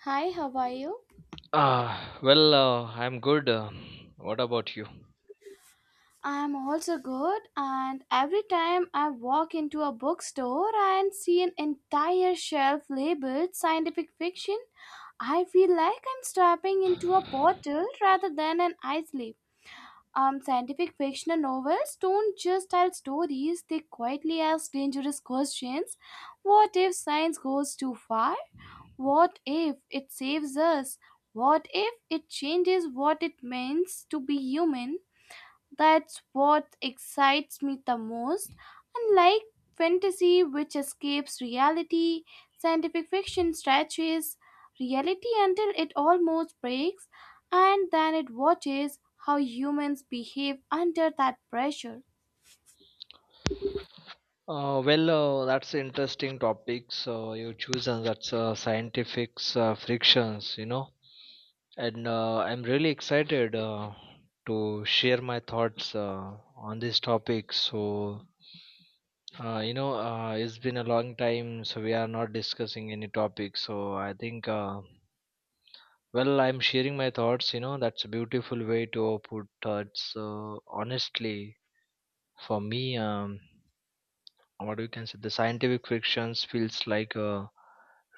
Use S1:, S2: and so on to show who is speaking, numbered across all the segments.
S1: Hi, how are you?
S2: I'm good. What about you?
S1: I'm also good, and every time I walk into a bookstore and see an entire shelf labeled scientific fiction, I feel like I'm stepping into a portal rather than an ice leap. Scientific fictional novels don't just tell stories, they quietly ask dangerous questions. What if science goes too far? What if it saves us? What if it changes what it means to be human? That's what excites me the most. Unlike fantasy, which escapes reality, scientific fiction stretches reality until it almost breaks, and then it watches how humans behave under that pressure.
S2: That's interesting topic. So you choose, and that's scientific frictions, you know. And I'm really excited to share my thoughts on this topic. So it's been a long time, so we are not discussing any topic. So I think, I'm sharing my thoughts. You know, that's a beautiful way to put thoughts. Honestly, for me, what we can say, the scientific fictions feels like a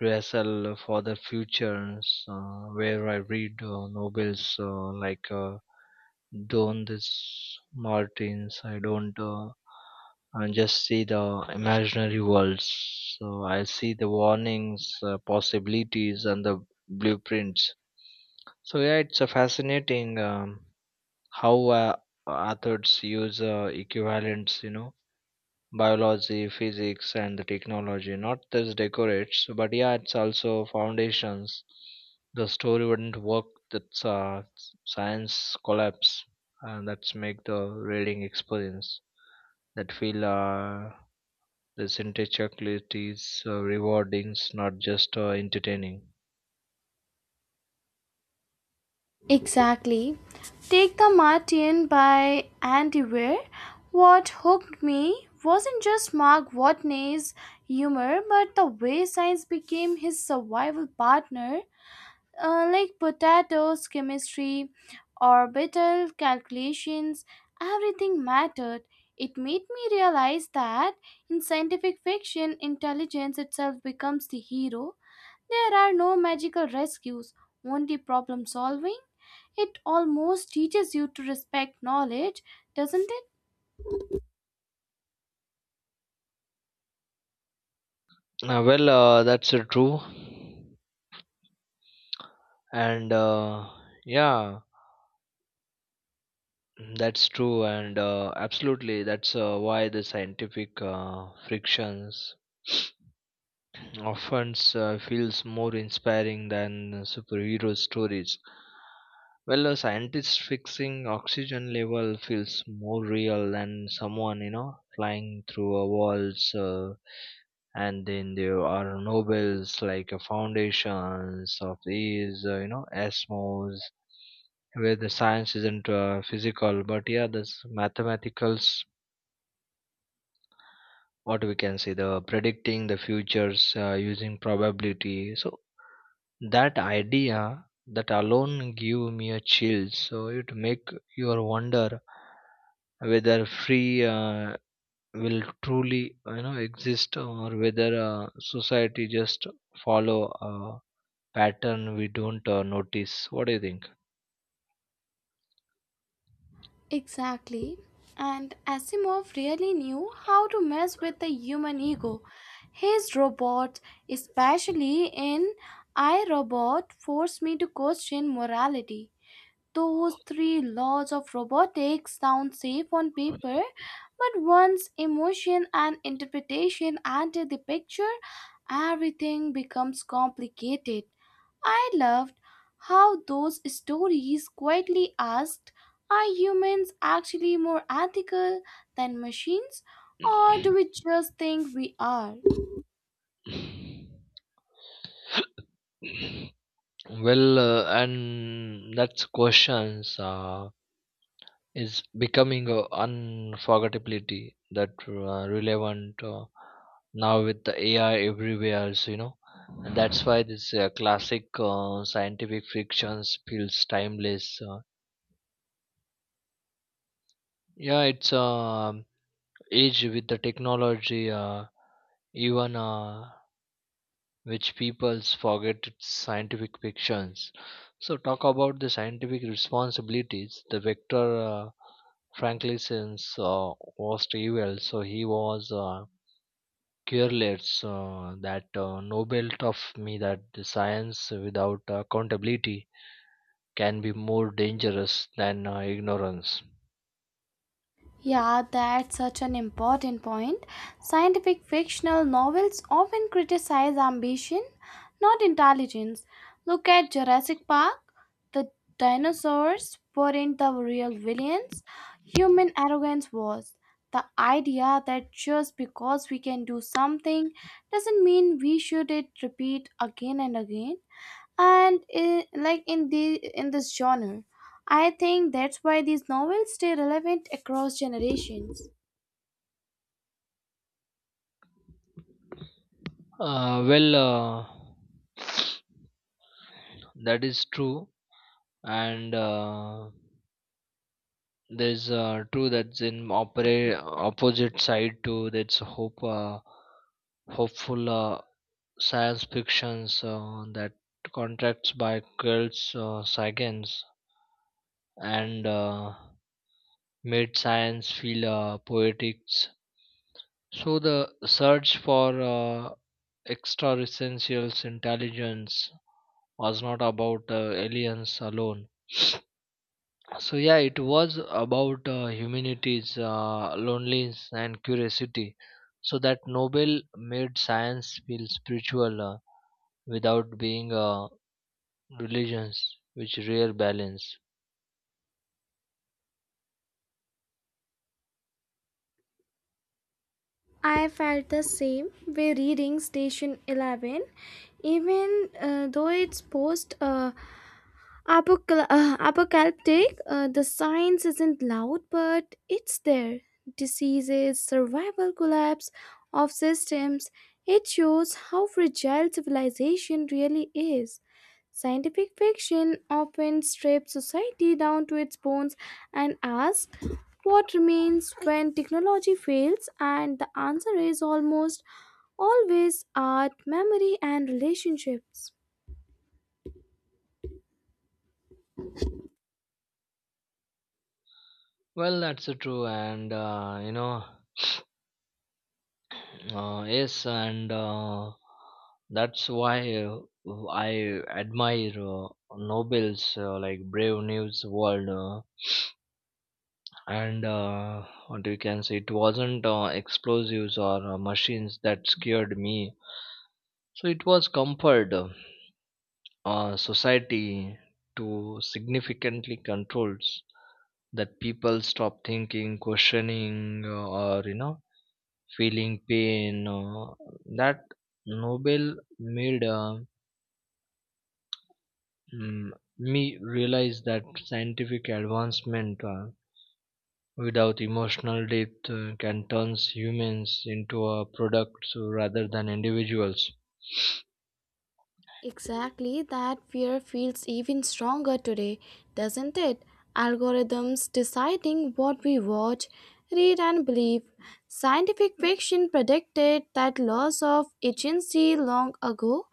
S2: rehearsal for the futures, where I read novels like Don this Martins. I don't I just see the imaginary worlds. So I see the warnings, possibilities, and the blueprints. So yeah, it's a fascinating how authors use equivalents, biology, physics, and the technology. Not just decorates, but yeah, it's also foundations. The story wouldn't work. That's Science collapse, and that's make the reading experience that feel the syntaxicalities rewarding, not just entertaining.
S1: Exactly. Take the Martian by Andy Weir. What hooked me wasn't just Mark Watney's humor, but the way science became his survival partner, like potatoes, chemistry, orbital calculations, everything mattered. It made me realize that in scientific fiction, intelligence itself becomes the hero. There are no magical rescues, only problem solving. It almost teaches you to respect knowledge, doesn't it?
S2: Well, that's True, and yeah. Mm. That's true, and absolutely, that's why the scientific frictions often feels more inspiring than superhero stories. Well, a scientist fixing oxygen level feels more real than someone, you know, flying through a walls. And then there are nobles like foundations of these, ASMOs, where the science isn't physical, but yeah, this mathematicals. What we can say, the predicting the futures using probability. So that idea that alone give me a chill. So it make your wonder whether free will truly you know exist, or whether society just follow a pattern we don't notice. What do you think?
S1: Exactly. And Asimov really knew how to mess with the human ego. His robots, especially in I Robot, forced me to question morality. Those three laws of robotics sound safe on paper, but once emotion and interpretation enter the picture, everything becomes complicated. I loved how those stories quietly asked: are humans actually more ethical than machines, or do we just think we are?
S2: And that's questions. Is becoming a unforgettability that relevant now with the AI everywhere. So, you know, and that's why this classic scientific fictions feels timeless. Yeah, it's age with the technology. Even Which peoples forget it's scientific fictions. So talk about the scientific responsibilities. The Victor Franklin's uh, was evil, so he was careless. That Nobel taught me that the science without accountability can be more dangerous than ignorance.
S1: Yeah, that's such an important point. Scientific fictional novels often criticize ambition, not intelligence. Look at Jurassic Park. The dinosaurs weren't the real villains, human arrogance was. The idea that just because we can do something doesn't mean we should it repeat again and again and in, like in the in this genre, I think that's why these novels stay relevant across generations.
S2: Uh, well, uh, that is true. And. There's True, that's in opera opposite side to that's hopeful science fictions that contracts by Carl Sagan's, and made science feel poetic. So the search for extra essentials intelligence was not about aliens alone. So yeah, it was about humanities, loneliness, and curiosity. So that Nobel made science feel spiritual without being a religions, which rare balance.
S1: I felt the same way reading Station 11, even though it's apocalyptic. The science isn't loud, but it's there. Diseases, survival collapse of systems. It shows how fragile civilization really is. Scientific fiction often strips society down to its bones and asks what remains when technology fails, and the answer is almost always art, memory, and relationships.
S2: Well, that's true, and yes, and that's why I admire Nobel's like brave news world. And What you can say it wasn't explosives or machines that scared me, so it was comfort society to significantly controls that people stop thinking questioning or feeling pain that nobel made mm, me realize that scientific advancement without emotional depth can turn humans into a products rather than individuals.
S1: Exactly, that fear feels even stronger today, doesn't it? Algorithms deciding what we watch, read, and believe. Scientific fiction predicted that loss of agency long ago,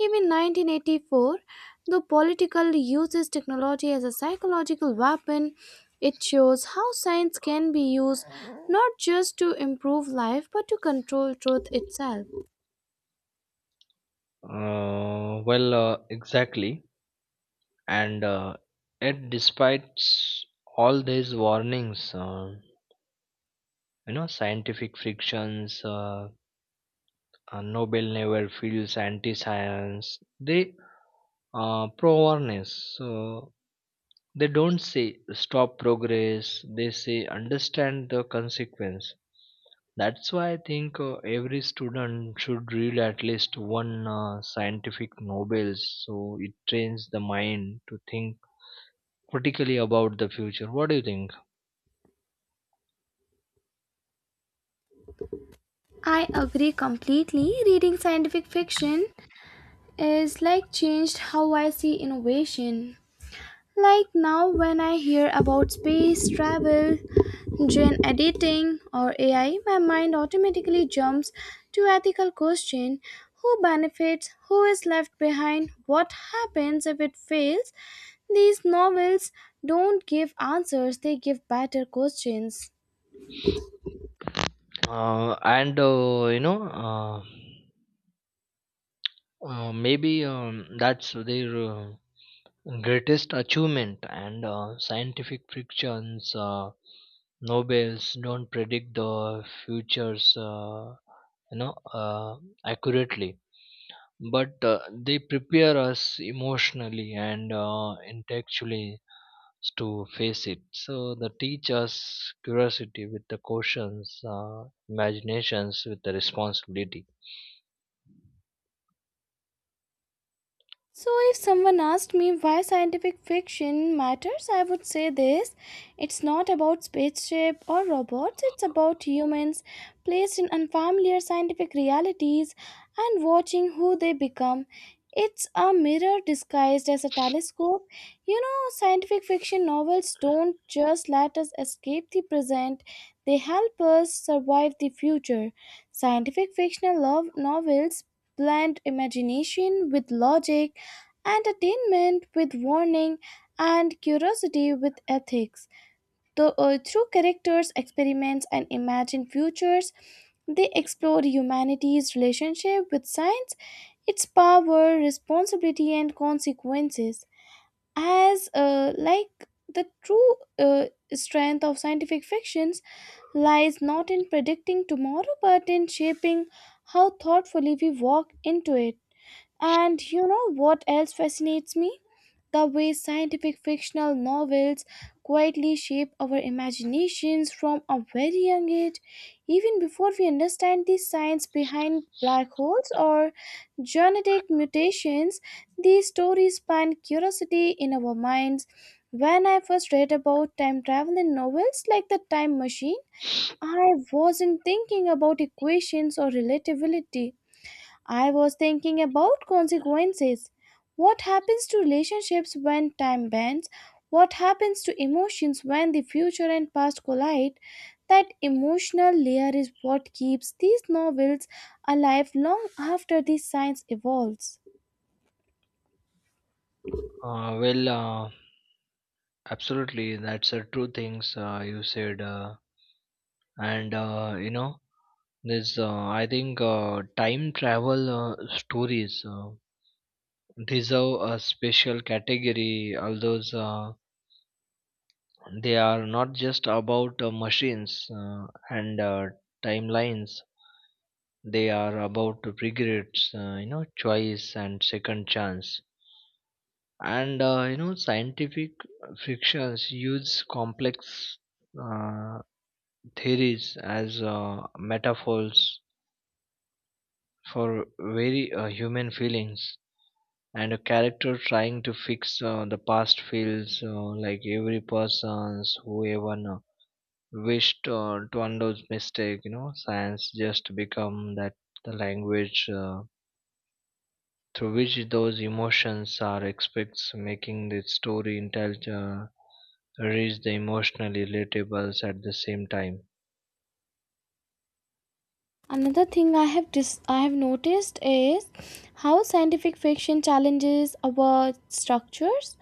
S1: even 1984. The political uses technology as a psychological weapon. It shows how science can be used not just to improve life but to control truth itself.
S2: Exactly. And yet, despite all these warnings, scientific frictions, Nobel never feels anti science, they pro awareness. So they don't say stop progress, they say understand the consequence. That's why I think every student should read at least one scientific Nobel, so it trains the mind to think critically about the future. What do you think?
S1: I agree completely. Reading scientific fiction is like changed how I see innovation. Like now, when I hear about space travel, gene editing, or AI, my mind automatically jumps to ethical question: who benefits, who is left behind, what happens if it fails. These novels don't give answers; they give better questions.
S2: And you know, maybe that's their greatest achievement, and scientific frictions nobels don't predict the futures you know uh, accurately, but they prepare us emotionally and intellectually to face it. So they teach us curiosity with the questions, imaginations with the responsibility.
S1: So, if someone asked me why scientific fiction matters, I would say this: it's not about spaceship or robots, it's about humans placed in unfamiliar scientific realities and watching who they become. It's a mirror disguised as a telescope. You know, scientific fiction novels don't just let us escape the present, they help us survive the future. Scientific fictional love novels blend imagination with logic, entertainment with warning, and curiosity with ethics. Though, through characters, experiments, and imagined futures, they explore humanity's relationship with science, its power, responsibility, and consequences. As like the true strength of scientific fictions lies not in predicting tomorrow, but in shaping how thoughtfully we walk into it. And you know what else fascinates me? The way scientific fictional novels quietly shape our imaginations from a very young age. Even before we understand the science behind black holes or genetic mutations, these stories span curiosity in our minds. When I first read about time travel in novels like The Time Machine, I wasn't thinking about equations or relativity. I was thinking about consequences. What happens to relationships when time bends? What happens to emotions when the future and past collide? That emotional layer is what keeps these novels alive long after the science evolves.
S2: uh, well uh, Absolutely, that's a true things you said. And you know this I think time travel stories deserve a special category, although uh, they are not just about machines and timelines. They are about regrets, choice and second chance. And scientific fictions use complex uh, theories as metaphors for very human feelings. And a character trying to fix the past feels like every person's who even wished to undo his mistake. You know, science just become that the language through which those emotions are expressed, making the story intelligent, reach the emotionally relatables at the same time.
S1: Another thing I have noticed is how scientific fiction challenges our structures.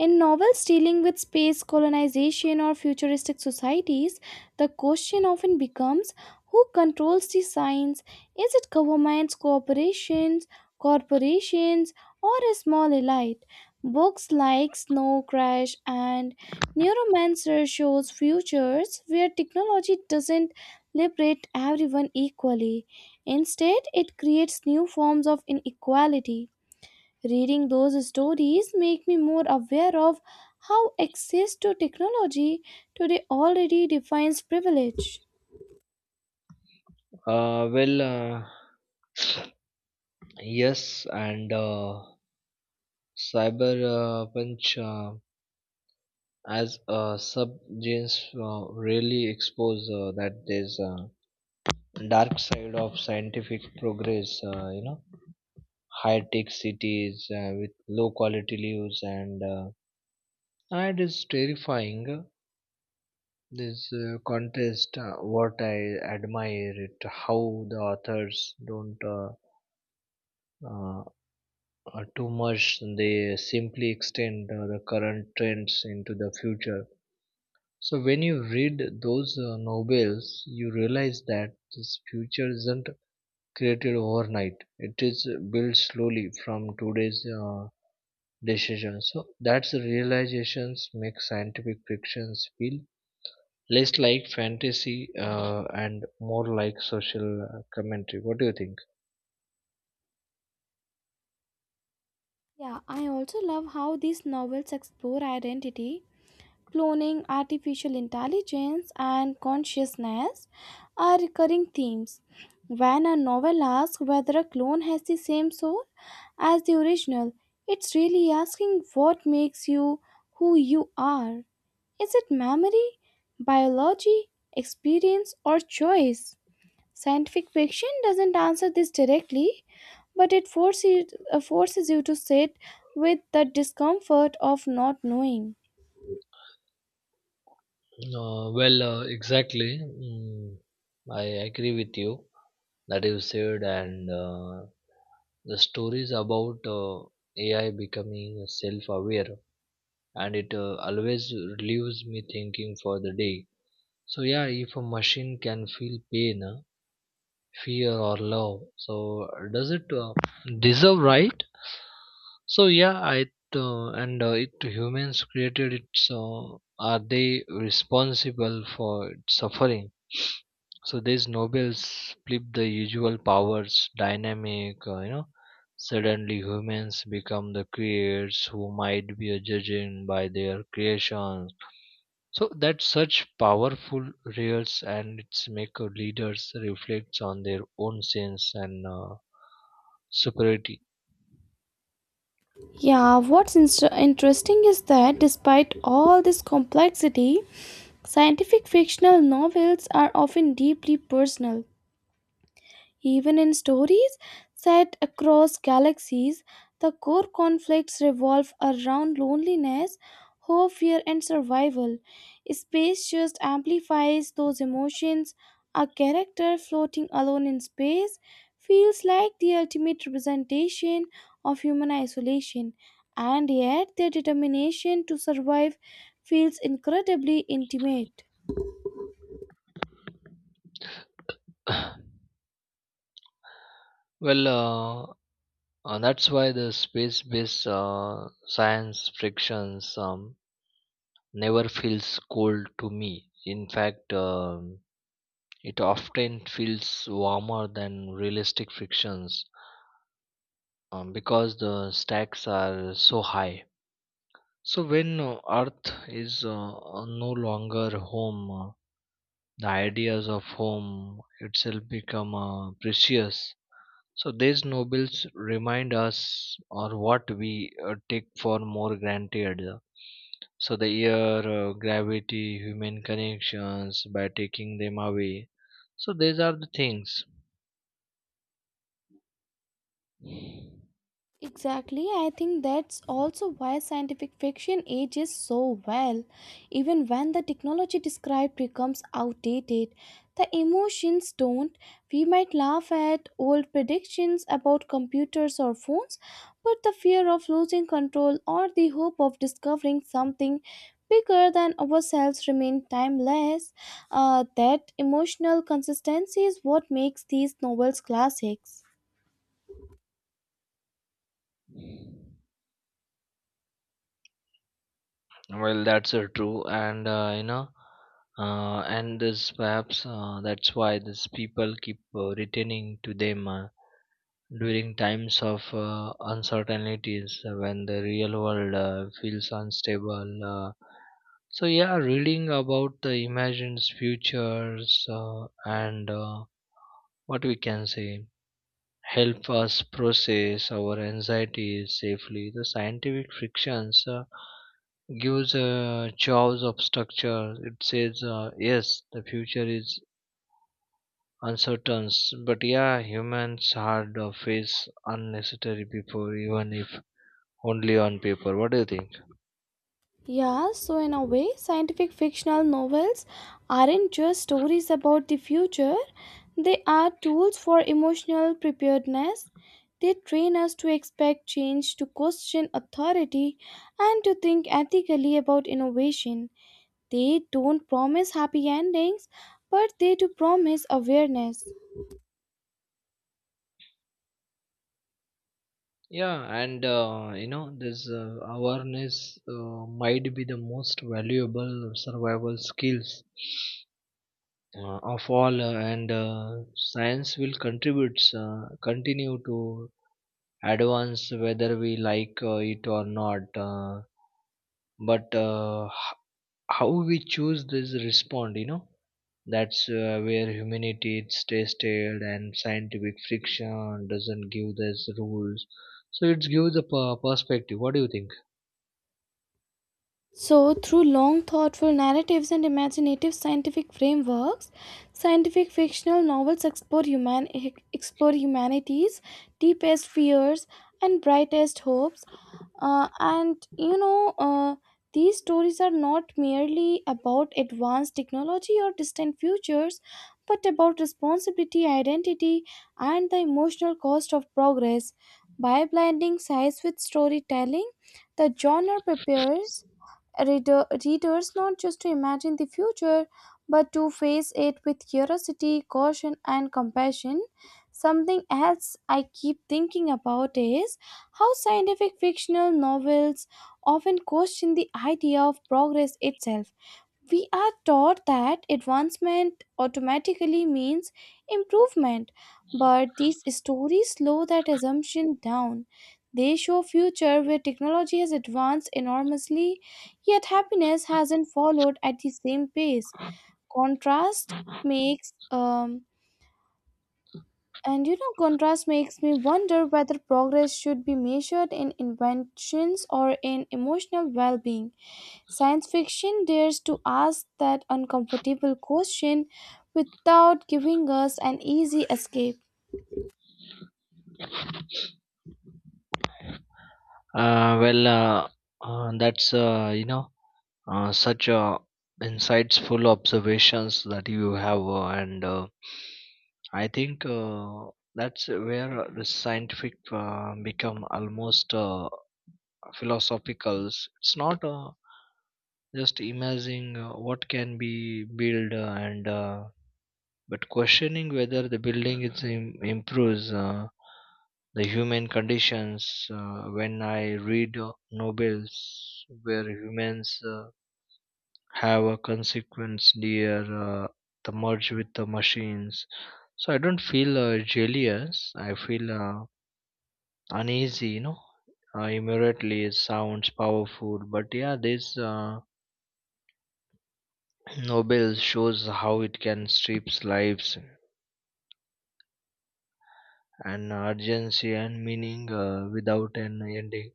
S1: In novels dealing with space colonization or futuristic societies, the question often becomes: who controls the science? Is it governments, corporations, or a small elite? Books like Snow Crash and Neuromancer shows futures where technology doesn't liberate everyone equally. Instead, it creates new forms of inequality. Reading those stories make me more aware of how access to technology today already defines privilege.
S2: uh, well uh, yes, and cyber punch as subgenres really expose that there's a dark side of scientific progress. High tech cities with low quality lives, and it is terrifying. This contest, what I admire it how the authors don't uh, too much, they simply extend the current trends into the future. So when you read those novels, you realize that this future isn't created overnight. It is built slowly from today's decision. So that's the realizations make scientific fictions feel less like fantasy and more like social commentary. What do you think?
S1: Yeah, I also love how these novels explore identity: cloning, artificial intelligence, and consciousness are recurring themes. When a novel asks whether a clone has the same soul as the original, it's really asking what makes you who you are. Is it memory, biology, experience, or choice? Scientific fiction doesn't answer this directly, but it forces you to sit with the discomfort of not knowing.
S2: Exactly. I agree with you that you said. And The stories about AI becoming self-aware, and it always leaves me thinking for the day. So yeah, if a machine can feel pain, fear or love, so does it deserve right? So yeah i uh, and uh, it humans created it, so are they responsible for its suffering? So these nobles flip the usual powers dynamic. Uh, Suddenly humans become the creators who might be judging by their creations. So that such powerful reels, and its make a leaders reflects on their own sense and superiority.
S1: Yeah, interesting is that despite all this complexity, scientific fictional novels are often deeply personal. Even in stories set across galaxies, the core conflicts revolve around loneliness, hope, fear, and survival. Space just amplifies those emotions. A character floating alone in space feels like the ultimate representation of human isolation, and yet their determination to survive feels incredibly intimate.
S2: well, uh, that's why the space-based science frictions never feels cold to me. In fact, it often feels warmer than realistic frictions because the stacks are so high. So when Earth is no longer home, the ideas of home itself become precious. So these nobles remind us or what we take for more granted. So the air, gravity, human connections, by taking them away. So these are the things.
S1: Exactly, I think that's also why scientific fiction ages so well. Even when the technology described becomes outdated, the emotions don't. We might laugh at old predictions about computers or phones, but the fear of losing control or the hope of discovering something bigger than ourselves remain timeless. That emotional consistency is what makes these novels classics.
S2: Well, that's true, and this perhaps that's why these people keep returning to them during times of uncertainties when the real world feels unstable. So yeah, reading about the imagined futures and what we can say help us process our anxieties safely. The scientific frictions gives a jaws of structure. It says, yes, the future is uncertain, but yeah, humans hard face unnecessary before, even if only on paper. What do you think?
S1: Yeah, so in a way, scientific fictional novels aren't just stories about the future, they are tools for emotional preparedness. They train us to expect change, to question authority, and to think ethically about innovation. They don't promise happy endings, but they do promise awareness.
S2: Yeah, and you know, this awareness might be the most valuable survival skills of all and Science will contribute, continue to advance whether we like it or not, but how we choose this respond, you know, that's where humanity is tested. And scientific friction doesn't give us rules, so it gives a perspective. What do you think?
S1: So, through long, thoughtful narratives and imaginative scientific frameworks, scientific fictional novels explore humanity's deepest fears and brightest hopes. And you know, these stories are not merely about advanced technology or distant futures, but about responsibility, identity, and the emotional cost of progress. By blending science with storytelling, the genre prepares readers not just to imagine the future but to face it with curiosity, caution, and compassion. Something else I keep thinking about is how scientific fictional novels often question the idea of progress itself. We are taught that advancement automatically means improvement, but these stories slow that assumption down. They show a future where technology has advanced enormously, yet happiness hasn't followed at the same pace. Contrast makes and you know contrast makes me wonder whether progress should be measured in inventions or in emotional well-being. Science fiction dares to ask that uncomfortable question without giving us an easy escape.
S2: Uh, well that's you know Such insightful observations that you have. Uh, and uh, i think uh, that's where the scientific become almost philosophical. It's not just imagining what can be built, and but questioning whether the building is improves the human conditions. When I read novels where humans have a consequence there, the merge with the machines. So I don't feel jealous, I feel uneasy. You know, immediately it sounds powerful, but yeah, this nobel shows how it can strip lives and urgency and meaning without an ending.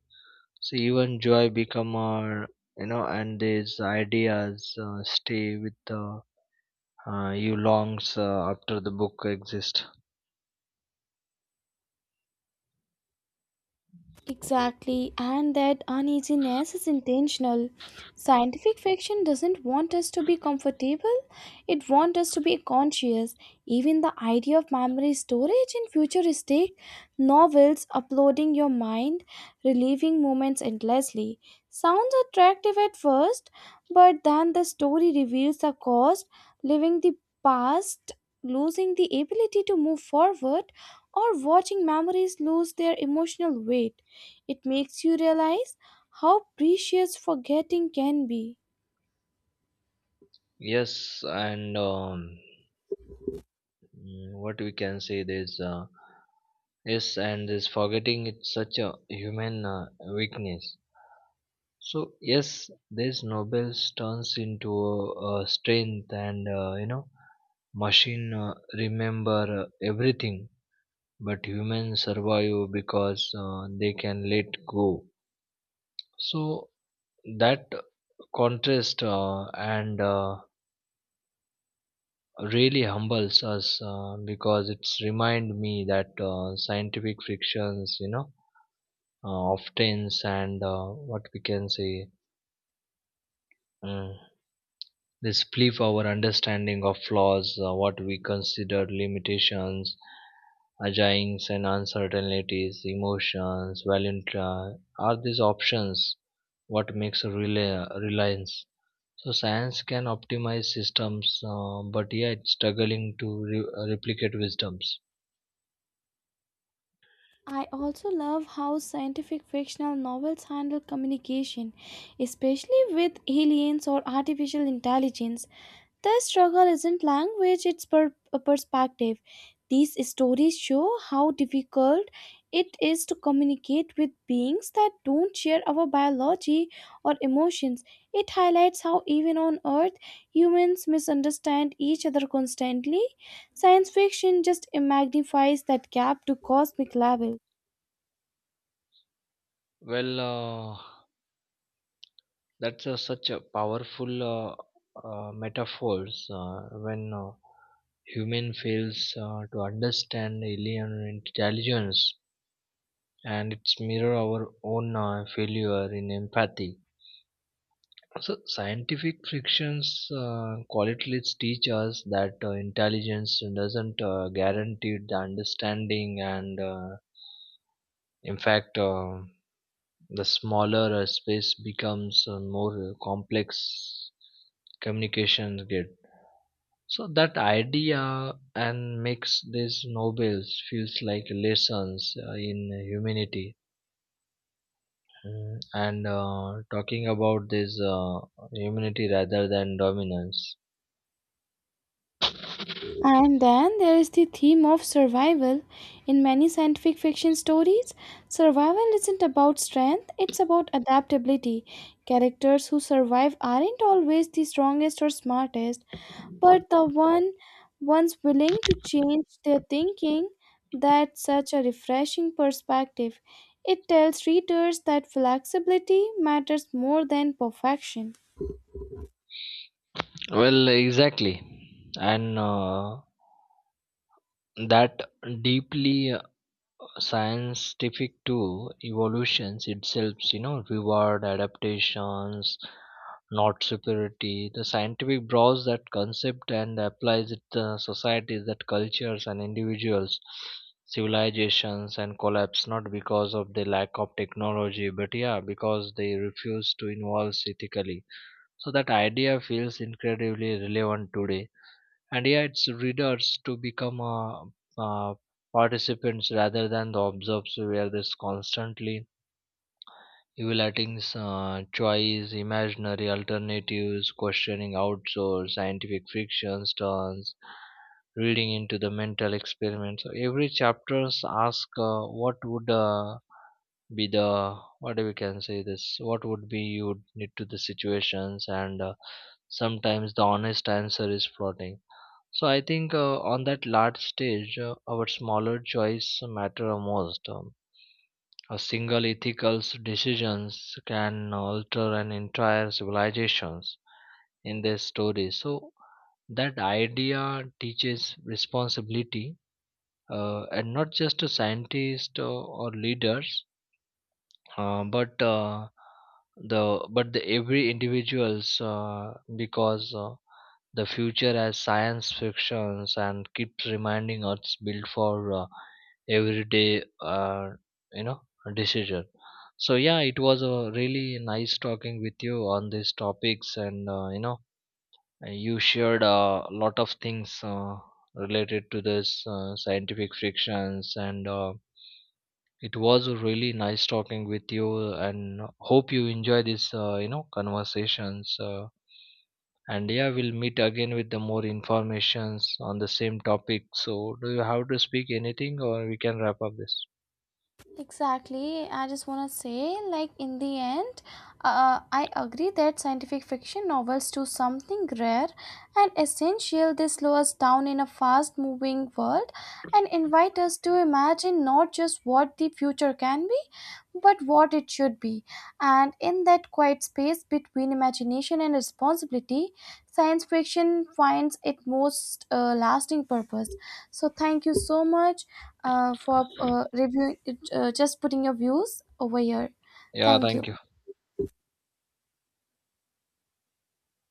S2: So even joy become our, you know. And these ideas stay with you longs after the book exists.
S1: Exactly, and that uneasiness is intentional. Scientific fiction doesn't want us to be comfortable, it wants us to be conscious. Even the idea of memory storage in futuristic novels, uploading your mind, reliving moments endlessly, sounds attractive at first, but then the story reveals the cost: living the past, losing the ability to move forward, or watching memories lose their emotional weight. It makes you realize how precious forgetting can be.
S2: Yes, and what we can say is, yes, and this forgetting, it's such a human weakness. So yes, this nobles turns into a strength, and you know, machine remember everything, but humans survive because they can let go. So that contrast and really humbles us because it's remind me that scientific frictions, you know, often and what we can say, mm, this flip our understanding of flaws, what we consider limitations, agings and uncertainties emotions value, are these options what makes a reliance. So science can optimize systems, but yeah, it's struggling to replicate wisdoms.
S1: I also love how scientific fictional novels handle communication, especially with aliens or artificial intelligence. The struggle isn't language, it's a perspective. These stories show how difficult it is to communicate with beings that don't share our biology or emotions. It highlights how, even on Earth, humans misunderstand each other constantly. Science fiction just magnifies that gap to cosmic level.
S2: Well, that's such a powerful metaphors when human fails to understand alien intelligence, and it's mirror our own failure in empathy. So scientific frictions qualities teach us that intelligence doesn't guarantee the understanding, and in fact, the smaller a space becomes, the more complex communications get. So that idea and makes these novels feels like lessons in humanity. Mm, and Talking about this humanity rather than dominance.
S1: And then there is the theme of survival. In many scientific fiction stories, survival isn't about strength, it's about adaptability. Characters who survive aren't always the strongest or smartest, but the one ones willing to change their thinking. That's such a refreshing perspective. It tells readers that flexibility matters more than perfection.
S2: Well, exactly, and that deeply scientific tool evolutions itself, you know, reward adaptations, not superiority. The scientific draws that concept and applies it to societies, that cultures and individuals, civilizations and collapse, not because of the lack of technology, but yeah, because they refuse to involve ethically. So that idea feels incredibly relevant today, and yeah, it's readers to become uh, participants rather than the observers, where there's constantly evaluating choice imaginary alternatives, questioning outsource. Scientific fictions turns reading into the mental experiment. So every chapters ask, what would be the, what we can say, this what would be you would need to the situations, and sometimes the honest answer is plotting. So I think on that large stage, our smaller choice matter most. A single ethical decisions can alter an entire civilizations in their story. So that idea teaches responsibility, and not just to scientists or leaders, uh, but uh, but the every individuals because the future, as science fiction and keeps reminding us, built for everyday you know decision. So yeah, it was a really nice talking with you on these topics, and you shared a lot of things related to this scientific fictions, and it was really nice talking with you, and hope you enjoy this conversations. And yeah, we'll meet again with the more informations on the same topic. So do you have to speak anything, or we can wrap up this?
S1: Exactly. I just want to say, like, in the end, I agree that scientific fiction novels do something rare and essential. They slow us down in a fast moving world and invite us to imagine not just what the future can be, but what it should be. And in that quiet space between imagination and responsibility, science fiction finds its most lasting purpose. So, thank you so much for reviewing, just putting your views over here.
S2: Yeah,
S1: Thank you.
S2: thank you.